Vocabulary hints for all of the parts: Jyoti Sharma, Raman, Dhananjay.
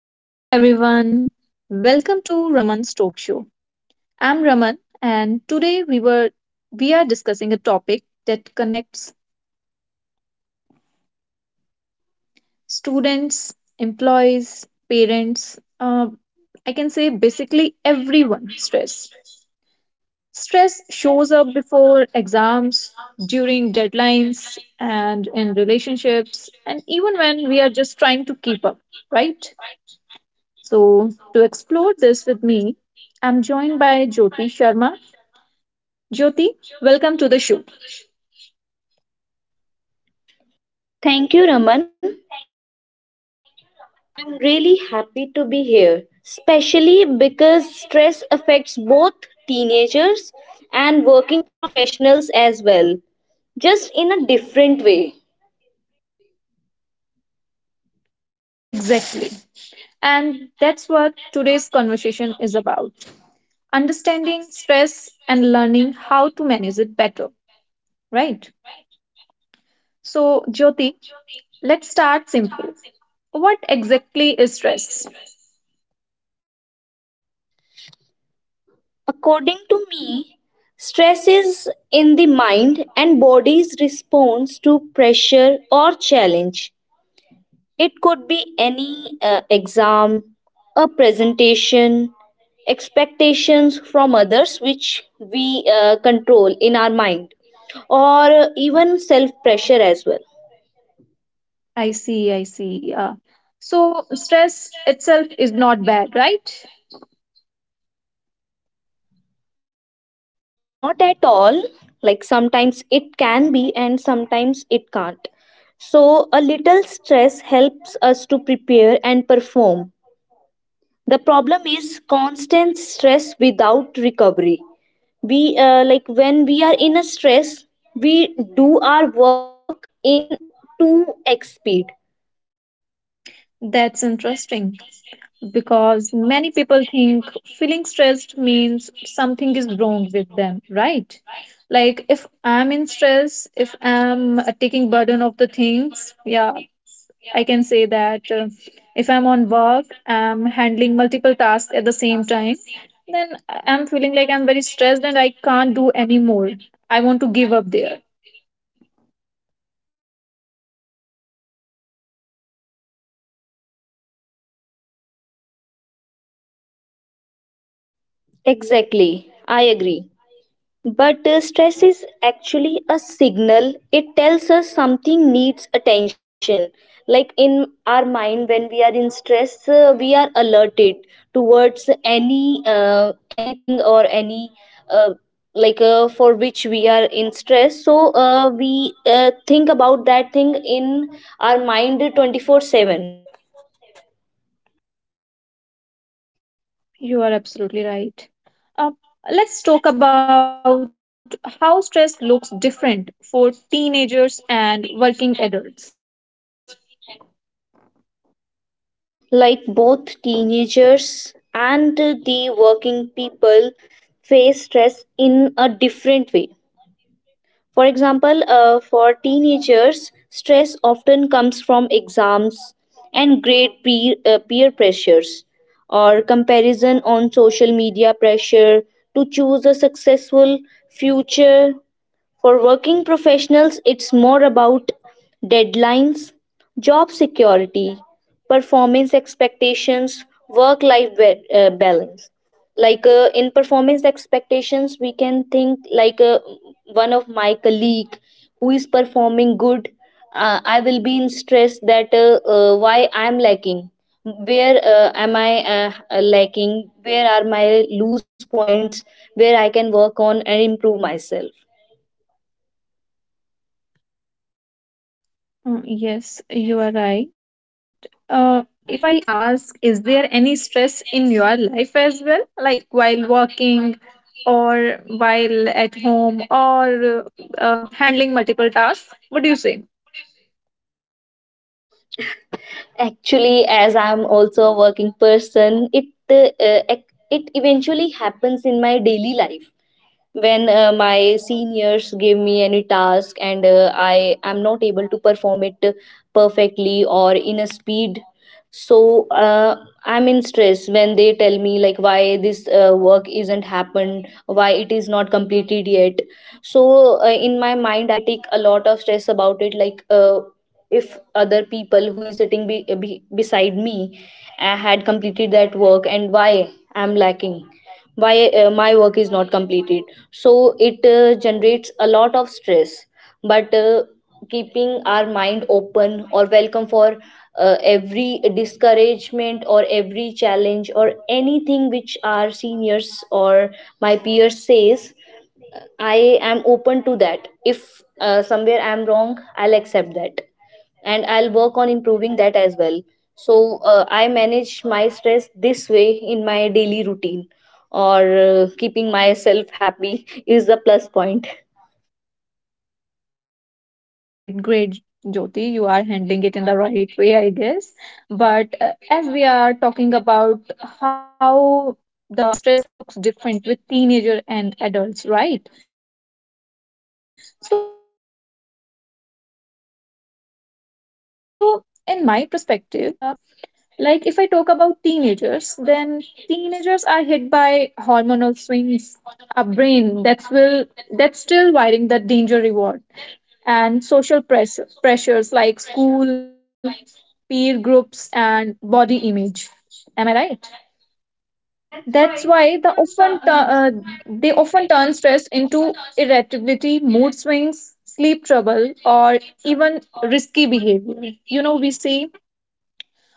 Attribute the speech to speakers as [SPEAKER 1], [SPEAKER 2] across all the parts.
[SPEAKER 1] Hello, everyone. Welcome to Raman's Talk Show. I'm Raman, and today we are discussing a topic that connects students, employees, parents. I can say basically everyone. Stress. Stress shows up before exams, during deadlines, and in relationships, and even when we are just trying to keep up. Right. So to explore this with me, I'm joined by Jyoti Sharma. Jyoti, welcome to the show.
[SPEAKER 2] Thank you, Raman. I'm really happy to be here, especially because stress affects both teenagers and working professionals as well, just in a different way.
[SPEAKER 1] Exactly. And that's what today's conversation is about: understanding stress and learning how to manage it better, right? So, Jyoti, let's start simple. What exactly is stress?
[SPEAKER 2] According to me, stress is in the mind and body's response to pressure or challenge. It could be any exam, a presentation, expectations from others which we control in our mind, or even self pressure as well.
[SPEAKER 1] I see, I see. Yeah. So, stress itself is not bad, right?
[SPEAKER 2] Not at all, like sometimes it can be and sometimes it can't. So, a little stress helps us to prepare and perform. The problem is constant stress without recovery. We like when we are in a stress we do our work in 2x speed.
[SPEAKER 1] That's interesting, because many people think feeling stressed means something is wrong with them, right? Like if I'm in stress, if I'm taking burden of the things, yeah, I can say that, if I'm on work, I'm handling multiple tasks at the same time, then I'm feeling like I'm very stressed and I can't do anymore. I want to give up there.
[SPEAKER 2] Exactly, I agree. But stress is actually a signal. It tells us something needs attention. Like in our mind, when we are in stress, we are alerted towards anything or any uh, like for which we are in stress. So we think about that thing in our mind 24/7.
[SPEAKER 1] You are absolutely right. Um, let's talk about how stress looks different for teenagers and working adults.
[SPEAKER 2] Like both teenagers and the working people face stress in a different way. For example, for teenagers, stress often comes from exams and grade peer pressures or comparison on social media, pressure to choose a successful future. For working professionals, it's more about deadlines, job security, performance expectations, work life balance. Like in performance expectations, we can think like one of my colleague who is performing good. I will be in stress that why I am lacking. Where am I lacking? Where are my loose points where I can work on and improve myself?
[SPEAKER 1] Mm, yes, you are right. Uh, if I ask, is there any stress in your life as well, like while working or while at home or uh, handling multiple tasks? What do you say?
[SPEAKER 2] Actually, as I'm also a working person, it eventually happens in my daily life. When my seniors give me any task and I am not able to perform it perfectly or in a speed, so I'm in stress when they tell me like why this work isn't happened, why it is not completed yet. So in my mind I take a lot of stress about it, like if other people who is sitting beside me had completed that work and why I'm lacking, why my work is not completed. So it generates a lot of stress. But keeping our mind open or welcome for every discouragement or every challenge or anything which our seniors or my peers says, I am open to that. If somewhere I am wrong, I'll accept that and I'll work on improving that as well. So I manage my stress this way in my daily routine, or keeping myself happy is the plus point.
[SPEAKER 1] Great, great, Jyoti. You are handling it in the right way, I guess. But as we are talking about how the stress looks different with teenager and adults, right? So, in my perspective, I think every age group has a different type of stress. Like if I talk about teenagers, then teenagers are hit by hormonal swings, a brain that's still wiring the danger reward and pressures like school, peer groups, and body image. Am I right?
[SPEAKER 2] That's
[SPEAKER 1] That's
[SPEAKER 2] why.
[SPEAKER 1] why
[SPEAKER 2] Uh,
[SPEAKER 1] they often turn stress into irritability, mood swings, sleep trouble, or even risky behavior. You know, we see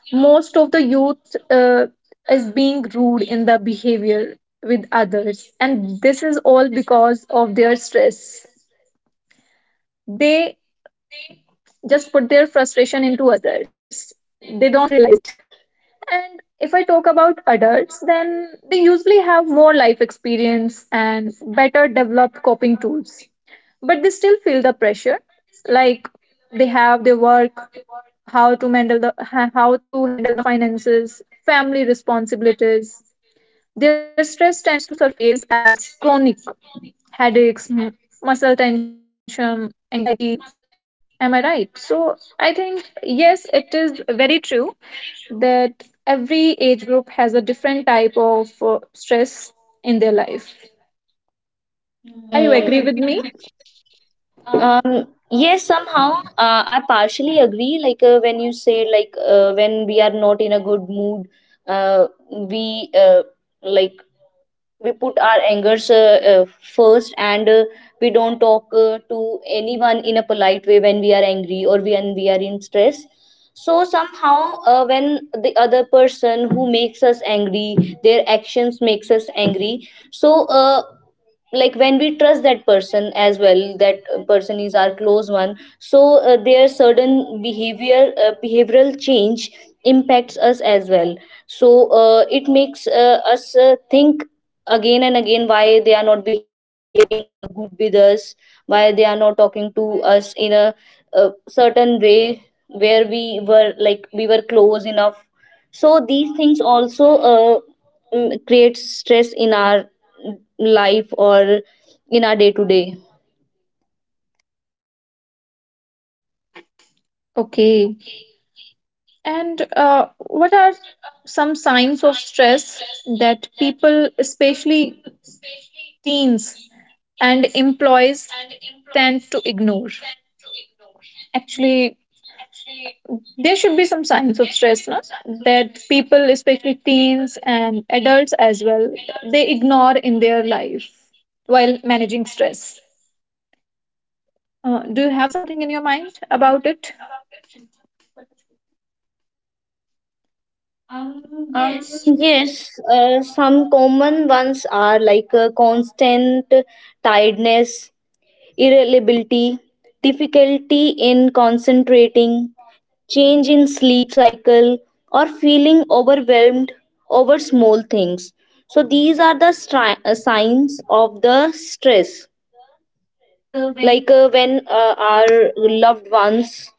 [SPEAKER 1] most of the youth is being rude in the behavior with others, and this is all because of their stress. They just put their frustration into others. They don't realize it. And if I talk about adults, then they usually have more life experience and better developed coping tools. But they still feel the pressure, like they have their work, how to how to handle the finances, family responsibilities. Their stress tends to surface as chronic headaches, muscle tension, anxiety. Am I right? So I think, yes, it is very true that every age group has a different type of stress in their life. Are you agree
[SPEAKER 2] Hmm.
[SPEAKER 1] with me?
[SPEAKER 2] Yes, somehow I partially agree. Like when you said, like when we are not in a good mood, uh, we uh, like we put our angers first and we don't talk to anyone in a polite way when we are angry or when we are in stress. So somehow when the other person who makes us angry, their actions makes us angry. So like when we trust that person as well, that person is our close one, so their certain behavior behavioral change impacts us as well. So it makes us think again and again, why they are not behaving good with us, why they are not talking to us in a certain way where we were like we were close enough. So these things also create stress in our life or in our day to day.
[SPEAKER 1] Okay. And what are some signs of stress that people, especially teens and employees, tend to ignore? Actually, there should be some signs of stress, no? That people, especially teens and adults as well, they ignore in their life while managing stress. Do you have something in your mind about it?
[SPEAKER 2] Yes some common ones are like constant tiredness, irritability, difficulty in concentrating, change in sleep cycle, or feeling overwhelmed over small things. So, these are the signs of the stress, like when our loved ones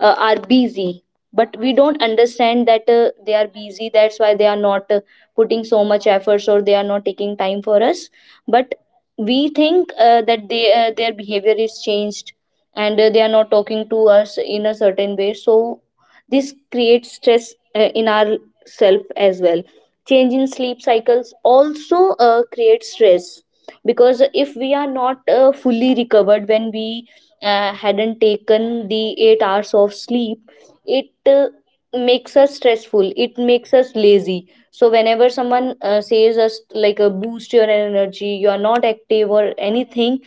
[SPEAKER 2] are busy but we don't understand that they are busy, that's why they are not putting so much efforts or they are not taking time for us. But we think that they their behavior is changed and they are not talking to us in a certain way, so this creates stress in our self as well. Change in sleep cycles also creates stress, because if we are not fully recovered, when we hadn't taken the 8 hours of sleep, it makes us stressful, it makes us lazy. So whenever someone says us like a boost your energy, you are not active or anything,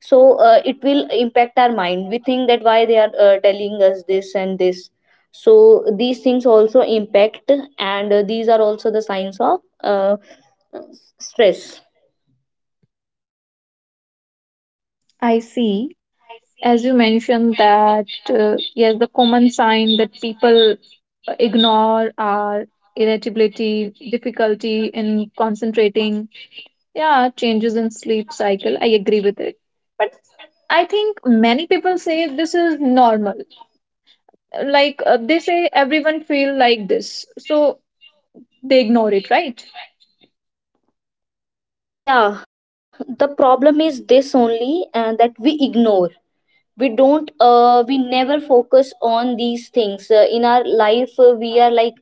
[SPEAKER 2] so it will impact our mind. We think that why they are telling us this and this. So these things also impact, and these are also the signs of stress.
[SPEAKER 1] I see. As you mentioned that, yes, the common sign that people ignore are irritability, difficulty in concentrating, yeah, changes in sleep cycle. I agree with it. But I think many people say this is normal. Like they say everyone feel like this. So they ignore it, right?
[SPEAKER 2] Yeah, the problem is this only, that we ignore, we don't we never focus on these things in our life. We are like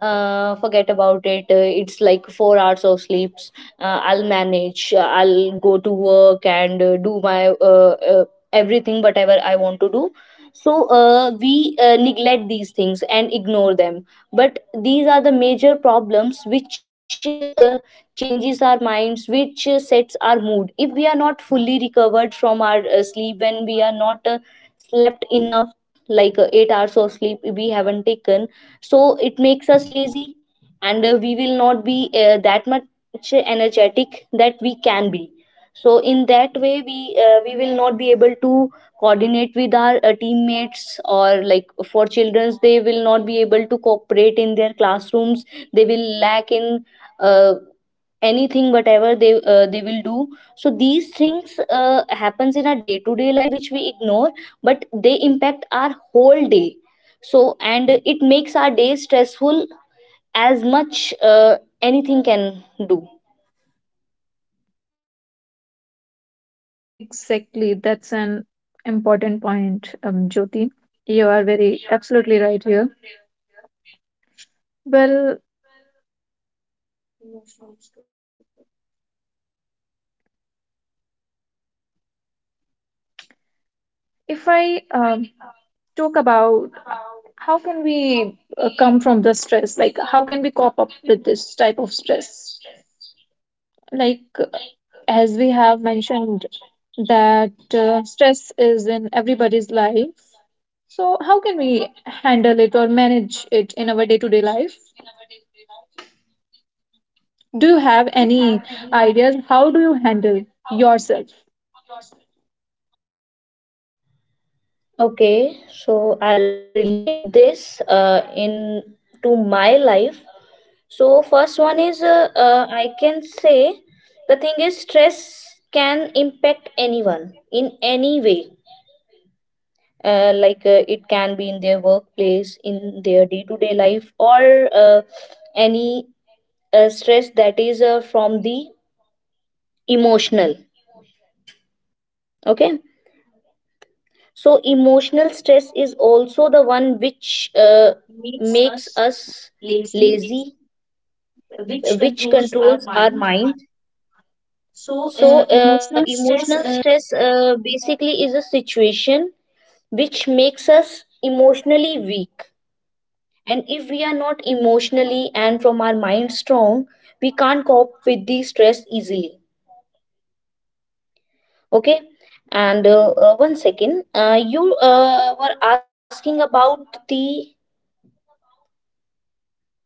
[SPEAKER 2] forget about it, it's like 4 hours of sleeps. I'll manage, I'll go to work and do my uh, uh, everything whatever I want to do. So we neglect these things and ignore them. But these are the major problems which uh, changes our minds, which sets our mood if we are not fully recovered from our sleep, when we are not slept enough, like 8 hours of sleep we haven't taken. So it makes us lazy and we will not be that much energetic that we can be. So in that way we will not be able to coordinate with our teammates or like for childrens they will not be able to cooperate in their classrooms. They will lack in uh, anything whatever they will do. So these things happens in a day to day life which we ignore, but they impact our whole day. So and it makes our day stressful as much anything can do.
[SPEAKER 1] Exactly. That's an important point, Jyoti. You are very absolutely right here. Well, if I talk about how can we come from the stress, like how can we cope up with this type of stress? Like as we have mentioned that, stress is in everybody's life, so how can we handle it or manage it in our day to day life? Do you have any ideas? How do you handle yourself?
[SPEAKER 2] Okay, so I'll relate this in to my life. So first one is I can say the thing is stress can impact anyone in any way. Like it can be in their workplace, in their day-to-day life or any stress that is from the emotional. Okay, so emotional stress is also the one which makes us lazy, which controls our mind. So emotional stress basically is a situation which makes us emotionally weak. And if we are not emotionally and from our mind strong, we can't cope with the stress easily. Okay. And one second, you were asking about the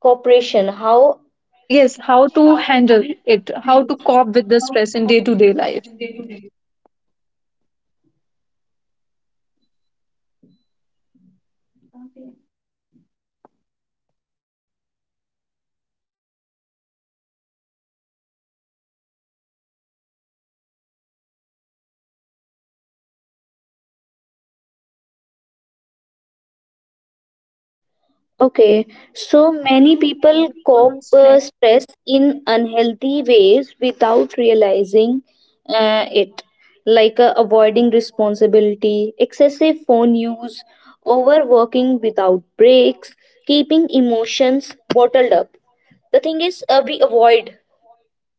[SPEAKER 2] cooperation. How?
[SPEAKER 1] Yes, yes, how to handle it, how to cope with the stress in day to day life.
[SPEAKER 2] Okay, so many people cope stress in unhealthy ways without realizing it, like avoiding responsibility, excessive phone use, overworking without breaks, keeping emotions bottled up. The thing is, we avoid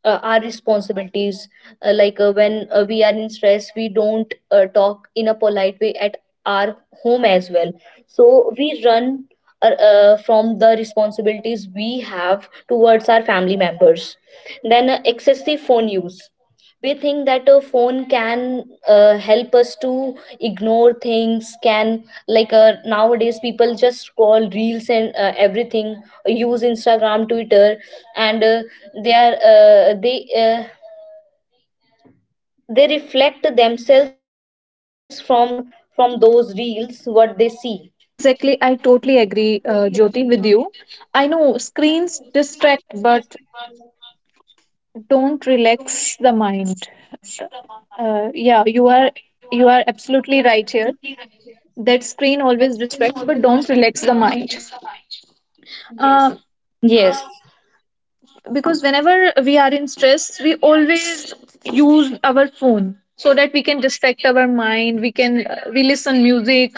[SPEAKER 2] our responsibilities, like when we are in stress we don't talk in a polite way at our home as well. So we run from the responsibilities we have towards our family members. Then excessive phone use, we think that a phone can help us to ignore things, can like nowadays people just scroll reels and everything, use Instagram, Twitter, and they are they reflect themselves from those reels what they see.
[SPEAKER 1] Exactly, I totally agree, Jyoti, with you. I know screens distract, but don't relax the mind. Yeah, you are absolutely right here. That screen always distract, but don't relax the mind.
[SPEAKER 2] Yes.
[SPEAKER 1] Uh, because whenever we are in stress, we always use our phone so that we can distract our mind. We can, we listen music,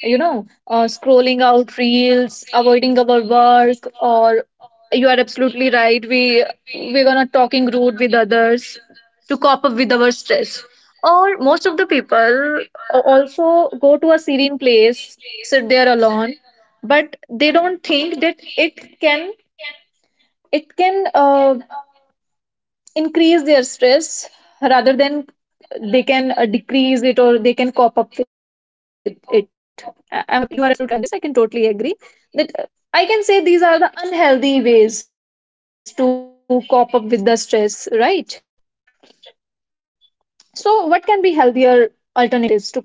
[SPEAKER 1] you know, scrolling out reels, avoiding our work. Or you are absolutely right, we're gonna talking rude with others to cope up with our stress. Or most of the people also go to a serene place, sit there alone, but they don't think that it can increase their stress rather than they can decrease it or they can cope up with it. You are absolutely right in this. I can totally agree that, I can say these are the unhealthy ways to cope up with the stress, right? So what can be healthier alternatives to cope up with the stress?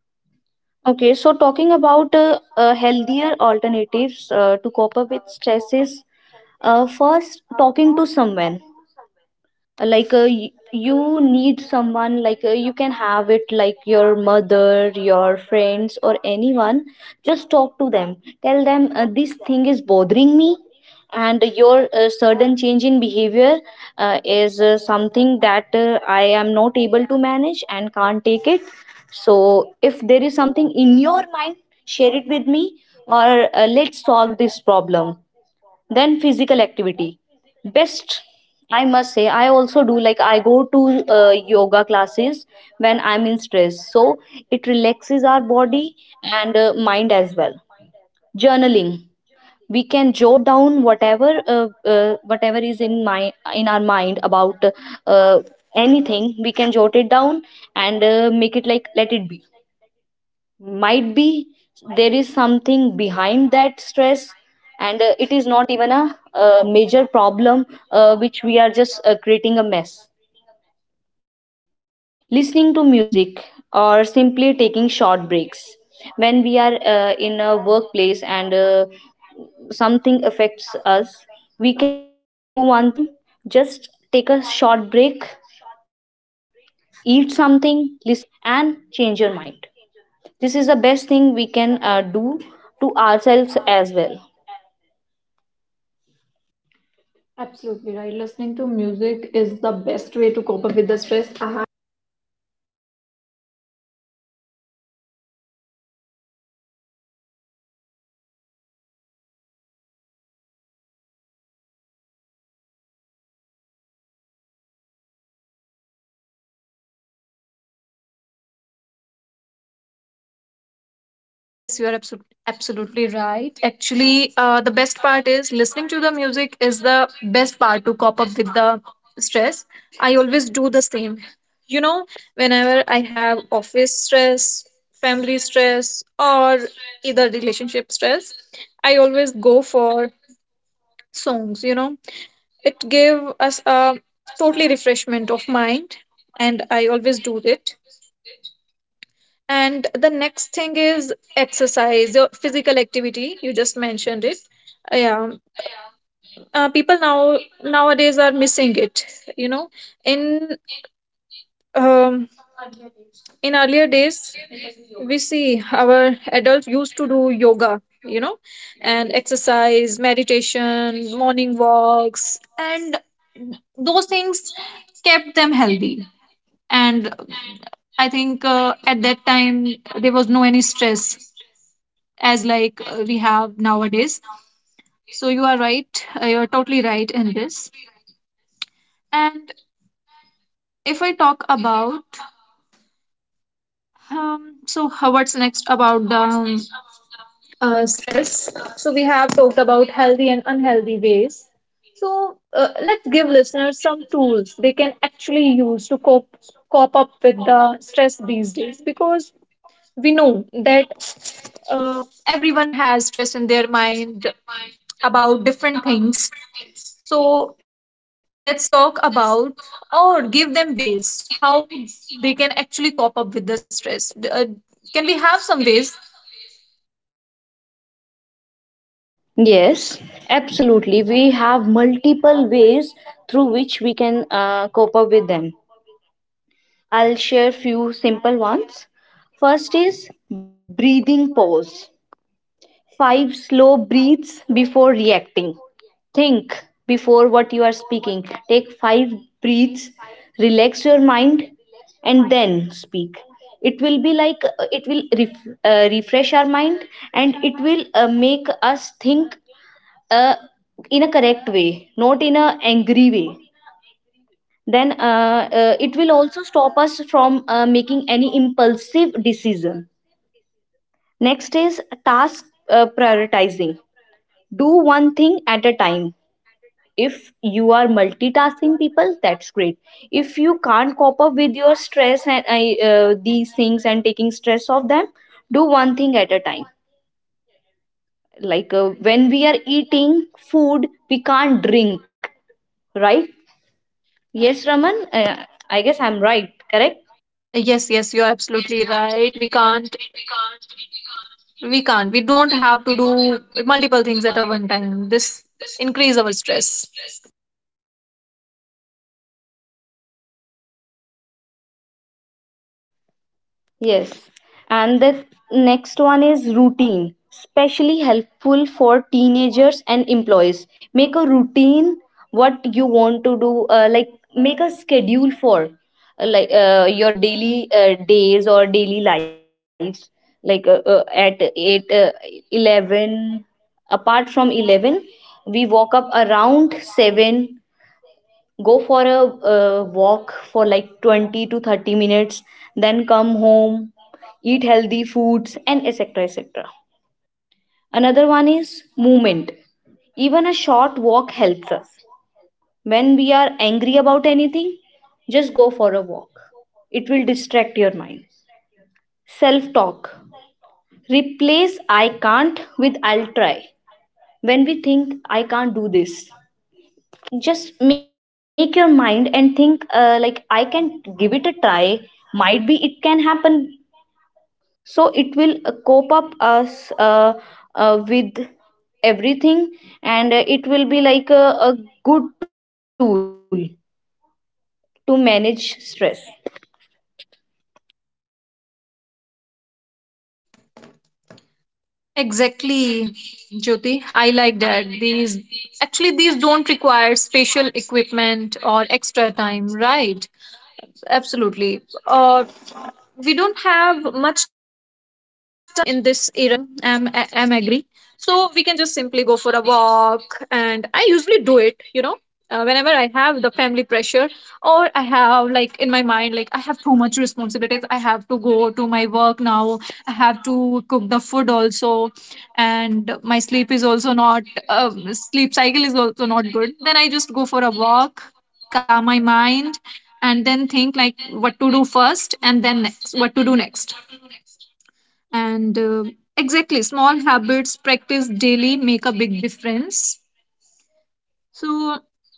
[SPEAKER 2] Okay, so talking about healthier alternatives to cope up with stresses, first, talking to someone. Like you need someone, like you can have it like your mother, your friends, or anyone. Just talk to them, tell them this thing is bothering me, and your sudden change in behavior is something that I am not able to manage and can't take it. So if there is something in your mind, share it with me, or let's solve this problem. Then physical activity, best. I must say I also do, like I go to yoga classes when I'm in stress, so it relaxes our body and mind as well. Journaling, we can jot down whatever whatever is in my in our mind about uh, anything, we can jot it down and make it, like let it be. Might be there is something behind that stress and it is not even a major problem which we are just creating a mess. Listening to music, or simply taking short breaks. When we are in a workplace and something affects us, we can do one thing, just take a short break, eat something, listen music, and change your mind. This is the best thing we can do to ourselves as well.
[SPEAKER 1] Yes, you are absolutely absolutely right. Actually, the best part is listening to the music is the best part to cope up with the stress. I always do the same. You know, whenever I have office stress, family stress, or either relationship stress, I always go for songs. You know, it give us a totally refreshment of mind, and I always do it. And the next thing is exercise, your physical activity. You just mentioned it. Yeah, people nowadays are missing it. You know, in um, in earlier days, we see our adults used to do yoga. You know, and exercise, meditation, morning walks, and those things kept them healthy. And I think at that time there was no any stress as like we have nowadays. So you are right. You're totally right in this. And if I talk about, so how- what's next about the stress? So we have talked about healthy and unhealthy ways. So let's give listeners some tools they can actually use to cope up with the stress these days, because we know that, uh, everyone has stress in their mind about different things. So let's talk about or give them ways how they can actually cope up with the stress. Can we have some ways?
[SPEAKER 2] Yes, absolutely. We have multiple ways through which we can cope up with them. I'll share few simple ones. First is breathing pause. 5 slow breaths before reacting. Think before what you are speaking. Take five breaths, relax your mind, and then speak. It will be like it will refresh our mind, and it will make us think uh, in a correct way, not in a angry way. Then it will also stop us from making any impulsive decision. Next is task prioritizing, do one thing at a time. If you are multitasking people, that's great. If you can't cope up with your stress and I, these things and taking stress off them, do one thing at a time. Like when we are eating food we can't drink, right? Yes, Raman, I guess I'm right, correct?
[SPEAKER 1] Yes, yes, you're absolutely right. We can't, we don't have to do multiple things at a one time. This increase our stress.
[SPEAKER 2] Yes. And the next one is routine, especially helpful for teenagers and employees. Make a routine what you want to do, like make a schedule for like your daily days or daily lives, like at 8, 11, apart from 11, we woke up around 7, go for a walk for like 20-30 minutes, then come home, eat healthy foods, and etc etc. Another one is movement, even a short walk helps us. When we are angry about anything, just go for a walk, it will distract your mind. Self talk, replace I can't with I'll try. When we think I can't do this, just make your mind and think like I can, give it a try, might be it can happen. So it will cope up us with everything, and it will be like a good tool to manage stress.
[SPEAKER 1] Exactly, Jyoti. I like that. These Actually these don't require special equipment or extra time, right? Absolutely. We don't have much time in this era. I'm agree. So we can just simply go for a walk. And I usually do it, you know, whenever I have the family pressure or I have like in my mind, like I have too much responsibilities. I have to go to my work now. I have to cook the food also. And my sleep is also not, sleep cycle is also not good. Then I just go for a walk, calm my mind, and then think like what to do first and then next what to do next. And exactly, small habits practice daily make a big difference. So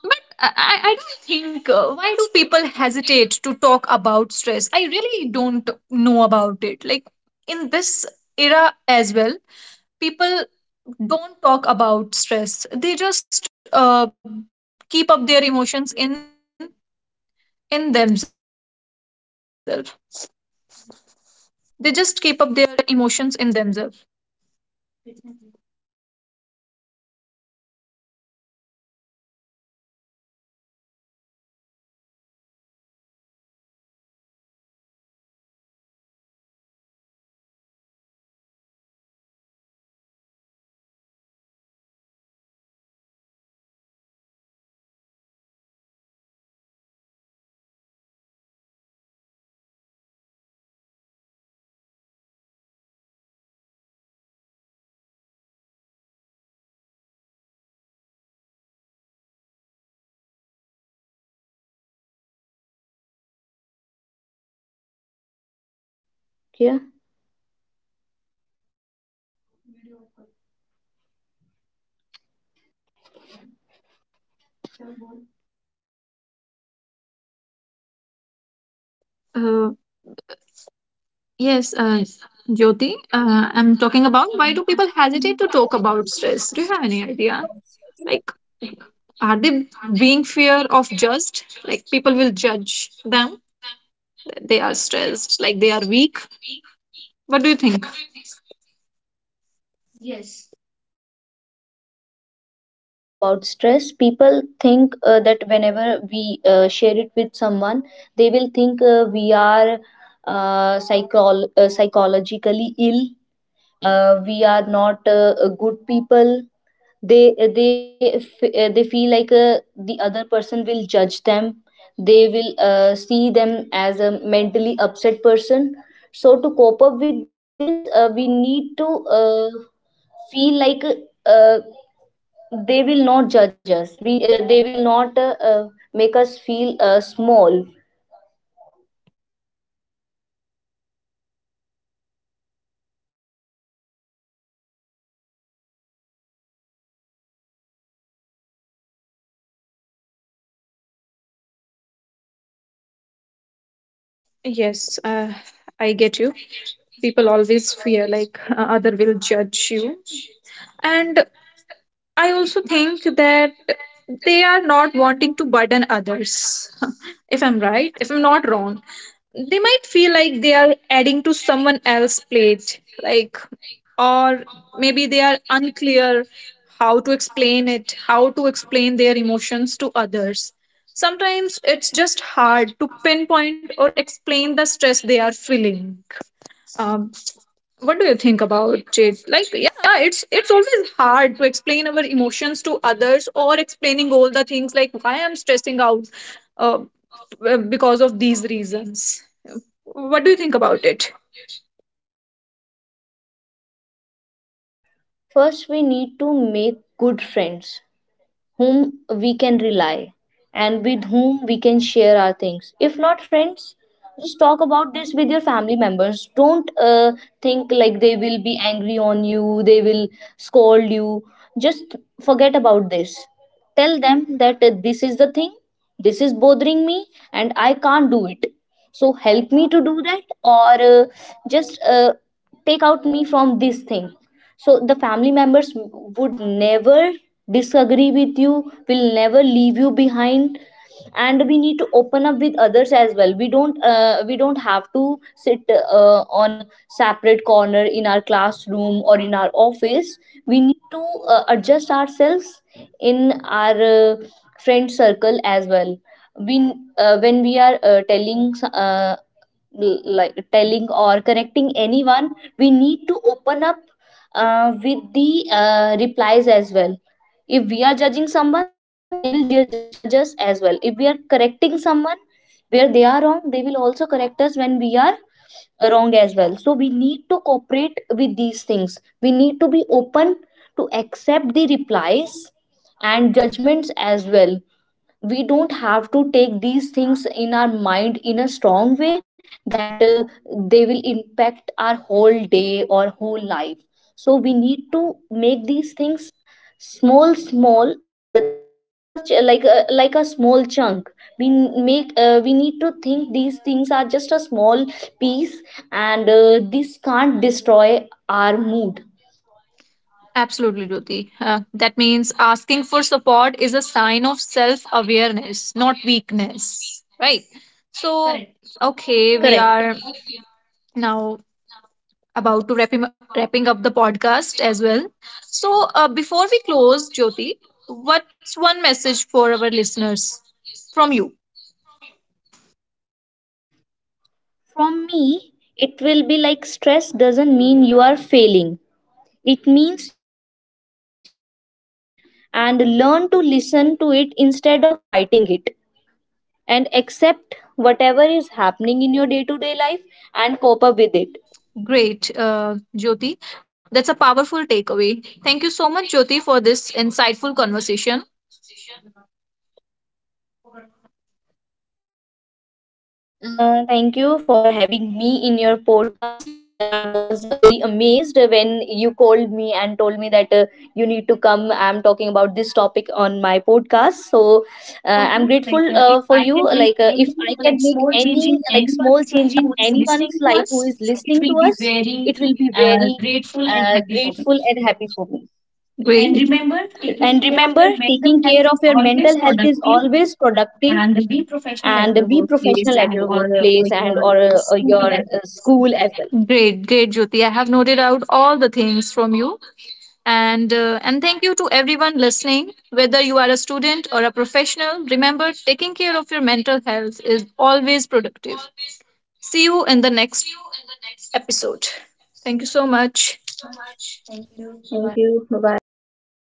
[SPEAKER 1] I don't think, why do people hesitate to talk about stress? I really don't know about it. Like in this era as well, people don't talk about stress. They just, keep up their emotions in themselves. They just keep up their emotions in themselves. Uh, Yes, Jyoti, I'm talking about why do people hesitate to talk about stress? Do you have any idea? Like, are they being fear of just like, people will judge them that they are stressed, like they are weak. What do you think?
[SPEAKER 3] Yes, when we talk about stress, people think that whenever we share it with someone, they will think we are psychologically ill. We are not good people. They feel like the other person will judge them. They will see them as a mentally upset person. So to cope up with this we need to uh, feel like uh, they will not judge us. We They will not make us feel small.
[SPEAKER 1] Yes, I get you. People always fear like other will judge you. And I also think that they are not wanting to burden others. If I'm right, if I'm not wrong, they might feel like they are adding to someone else's plate, like, or maybe they are unclear how to explain it, how to explain their emotions to others. Sometimes it's just hard to pinpoint or explain the stress they are feeling. um, what do you think about it? Like, yeah, it's always hard to explain our emotions to others or explaining all the things like why I'm stressing out, uh, because of these reasons. What do you think about it?
[SPEAKER 3] First we need to make good friends whom we can rely and with whom we can share our things. If not friends, just talk about this with your family members. Don't think like they will be angry on you, they will scold you. Just forget about this. Tell them that this is the thing, this is bothering me and I can't do it. So help me to do that, or just take out me from this thing. So the family members would never disagree with you, will never leave you behind. And we need to open up with others as well. We don't have to sit on a separate corner in our classroom or in our office. We need to adjust ourselves in our friend circle as well. We when we are telling s- l- like telling or correcting anyone, we need to open up with the replies as well. If we are judging someone, they will judge us as well. If we are correcting someone where they are wrong, they will also correct us when we are wrong as well. So we need to cooperate with these things, we need to be open to accept the replies and judgments as well. We don't have to take these things in our mind in a strong way, that they will impact our whole day or whole life. So we need to make these things small, small, this much like a small chunk. We n- make uh, we need to think these things are just a small piece, and this can't destroy our mood.
[SPEAKER 1] Absolutely, Jyoti. That means asking for support is a sign of self awareness, not weakness, right? So, okay, we are
[SPEAKER 3] Correct.
[SPEAKER 1] now about to wrapping up the podcast as well. So, before we close, Jyoti, what's one message for our listeners from you?
[SPEAKER 3] From me, it will be like, stress doesn't mean you are failing. It means you are a human, and learn to listen to it instead of fighting it, and accept whatever is happening in your day to day life, and cope up with it.
[SPEAKER 1] Great, Jyoti. That's a powerful takeaway. Thank you so much, Jyoti, for this insightful conversation.
[SPEAKER 3] Thank you for having me in your podcast. And I was very amazed when you called me and told me that you need to come. I'm talking about this topic on my podcast. So I'm grateful for you. Like, if I can make any like small change in anyone's life who is listening to us, it will be very grateful and happy for me.
[SPEAKER 1] Great. And remember, taking
[SPEAKER 3] And
[SPEAKER 1] care of
[SPEAKER 3] remember,
[SPEAKER 1] your mental
[SPEAKER 3] taking
[SPEAKER 1] health
[SPEAKER 3] care
[SPEAKER 1] is
[SPEAKER 3] of your
[SPEAKER 1] always
[SPEAKER 3] mental health is
[SPEAKER 1] productive.
[SPEAKER 3] always productive, and be professional at your workplace and or your school as well.
[SPEAKER 1] Great, great, Jyoti. I have noted out all the things from you, and thank you to everyone listening. Whether you are a student or a professional, remember taking care of your mental health is always productive. See you in the next episode. Thank you so much.
[SPEAKER 3] Thank you. Bye bye.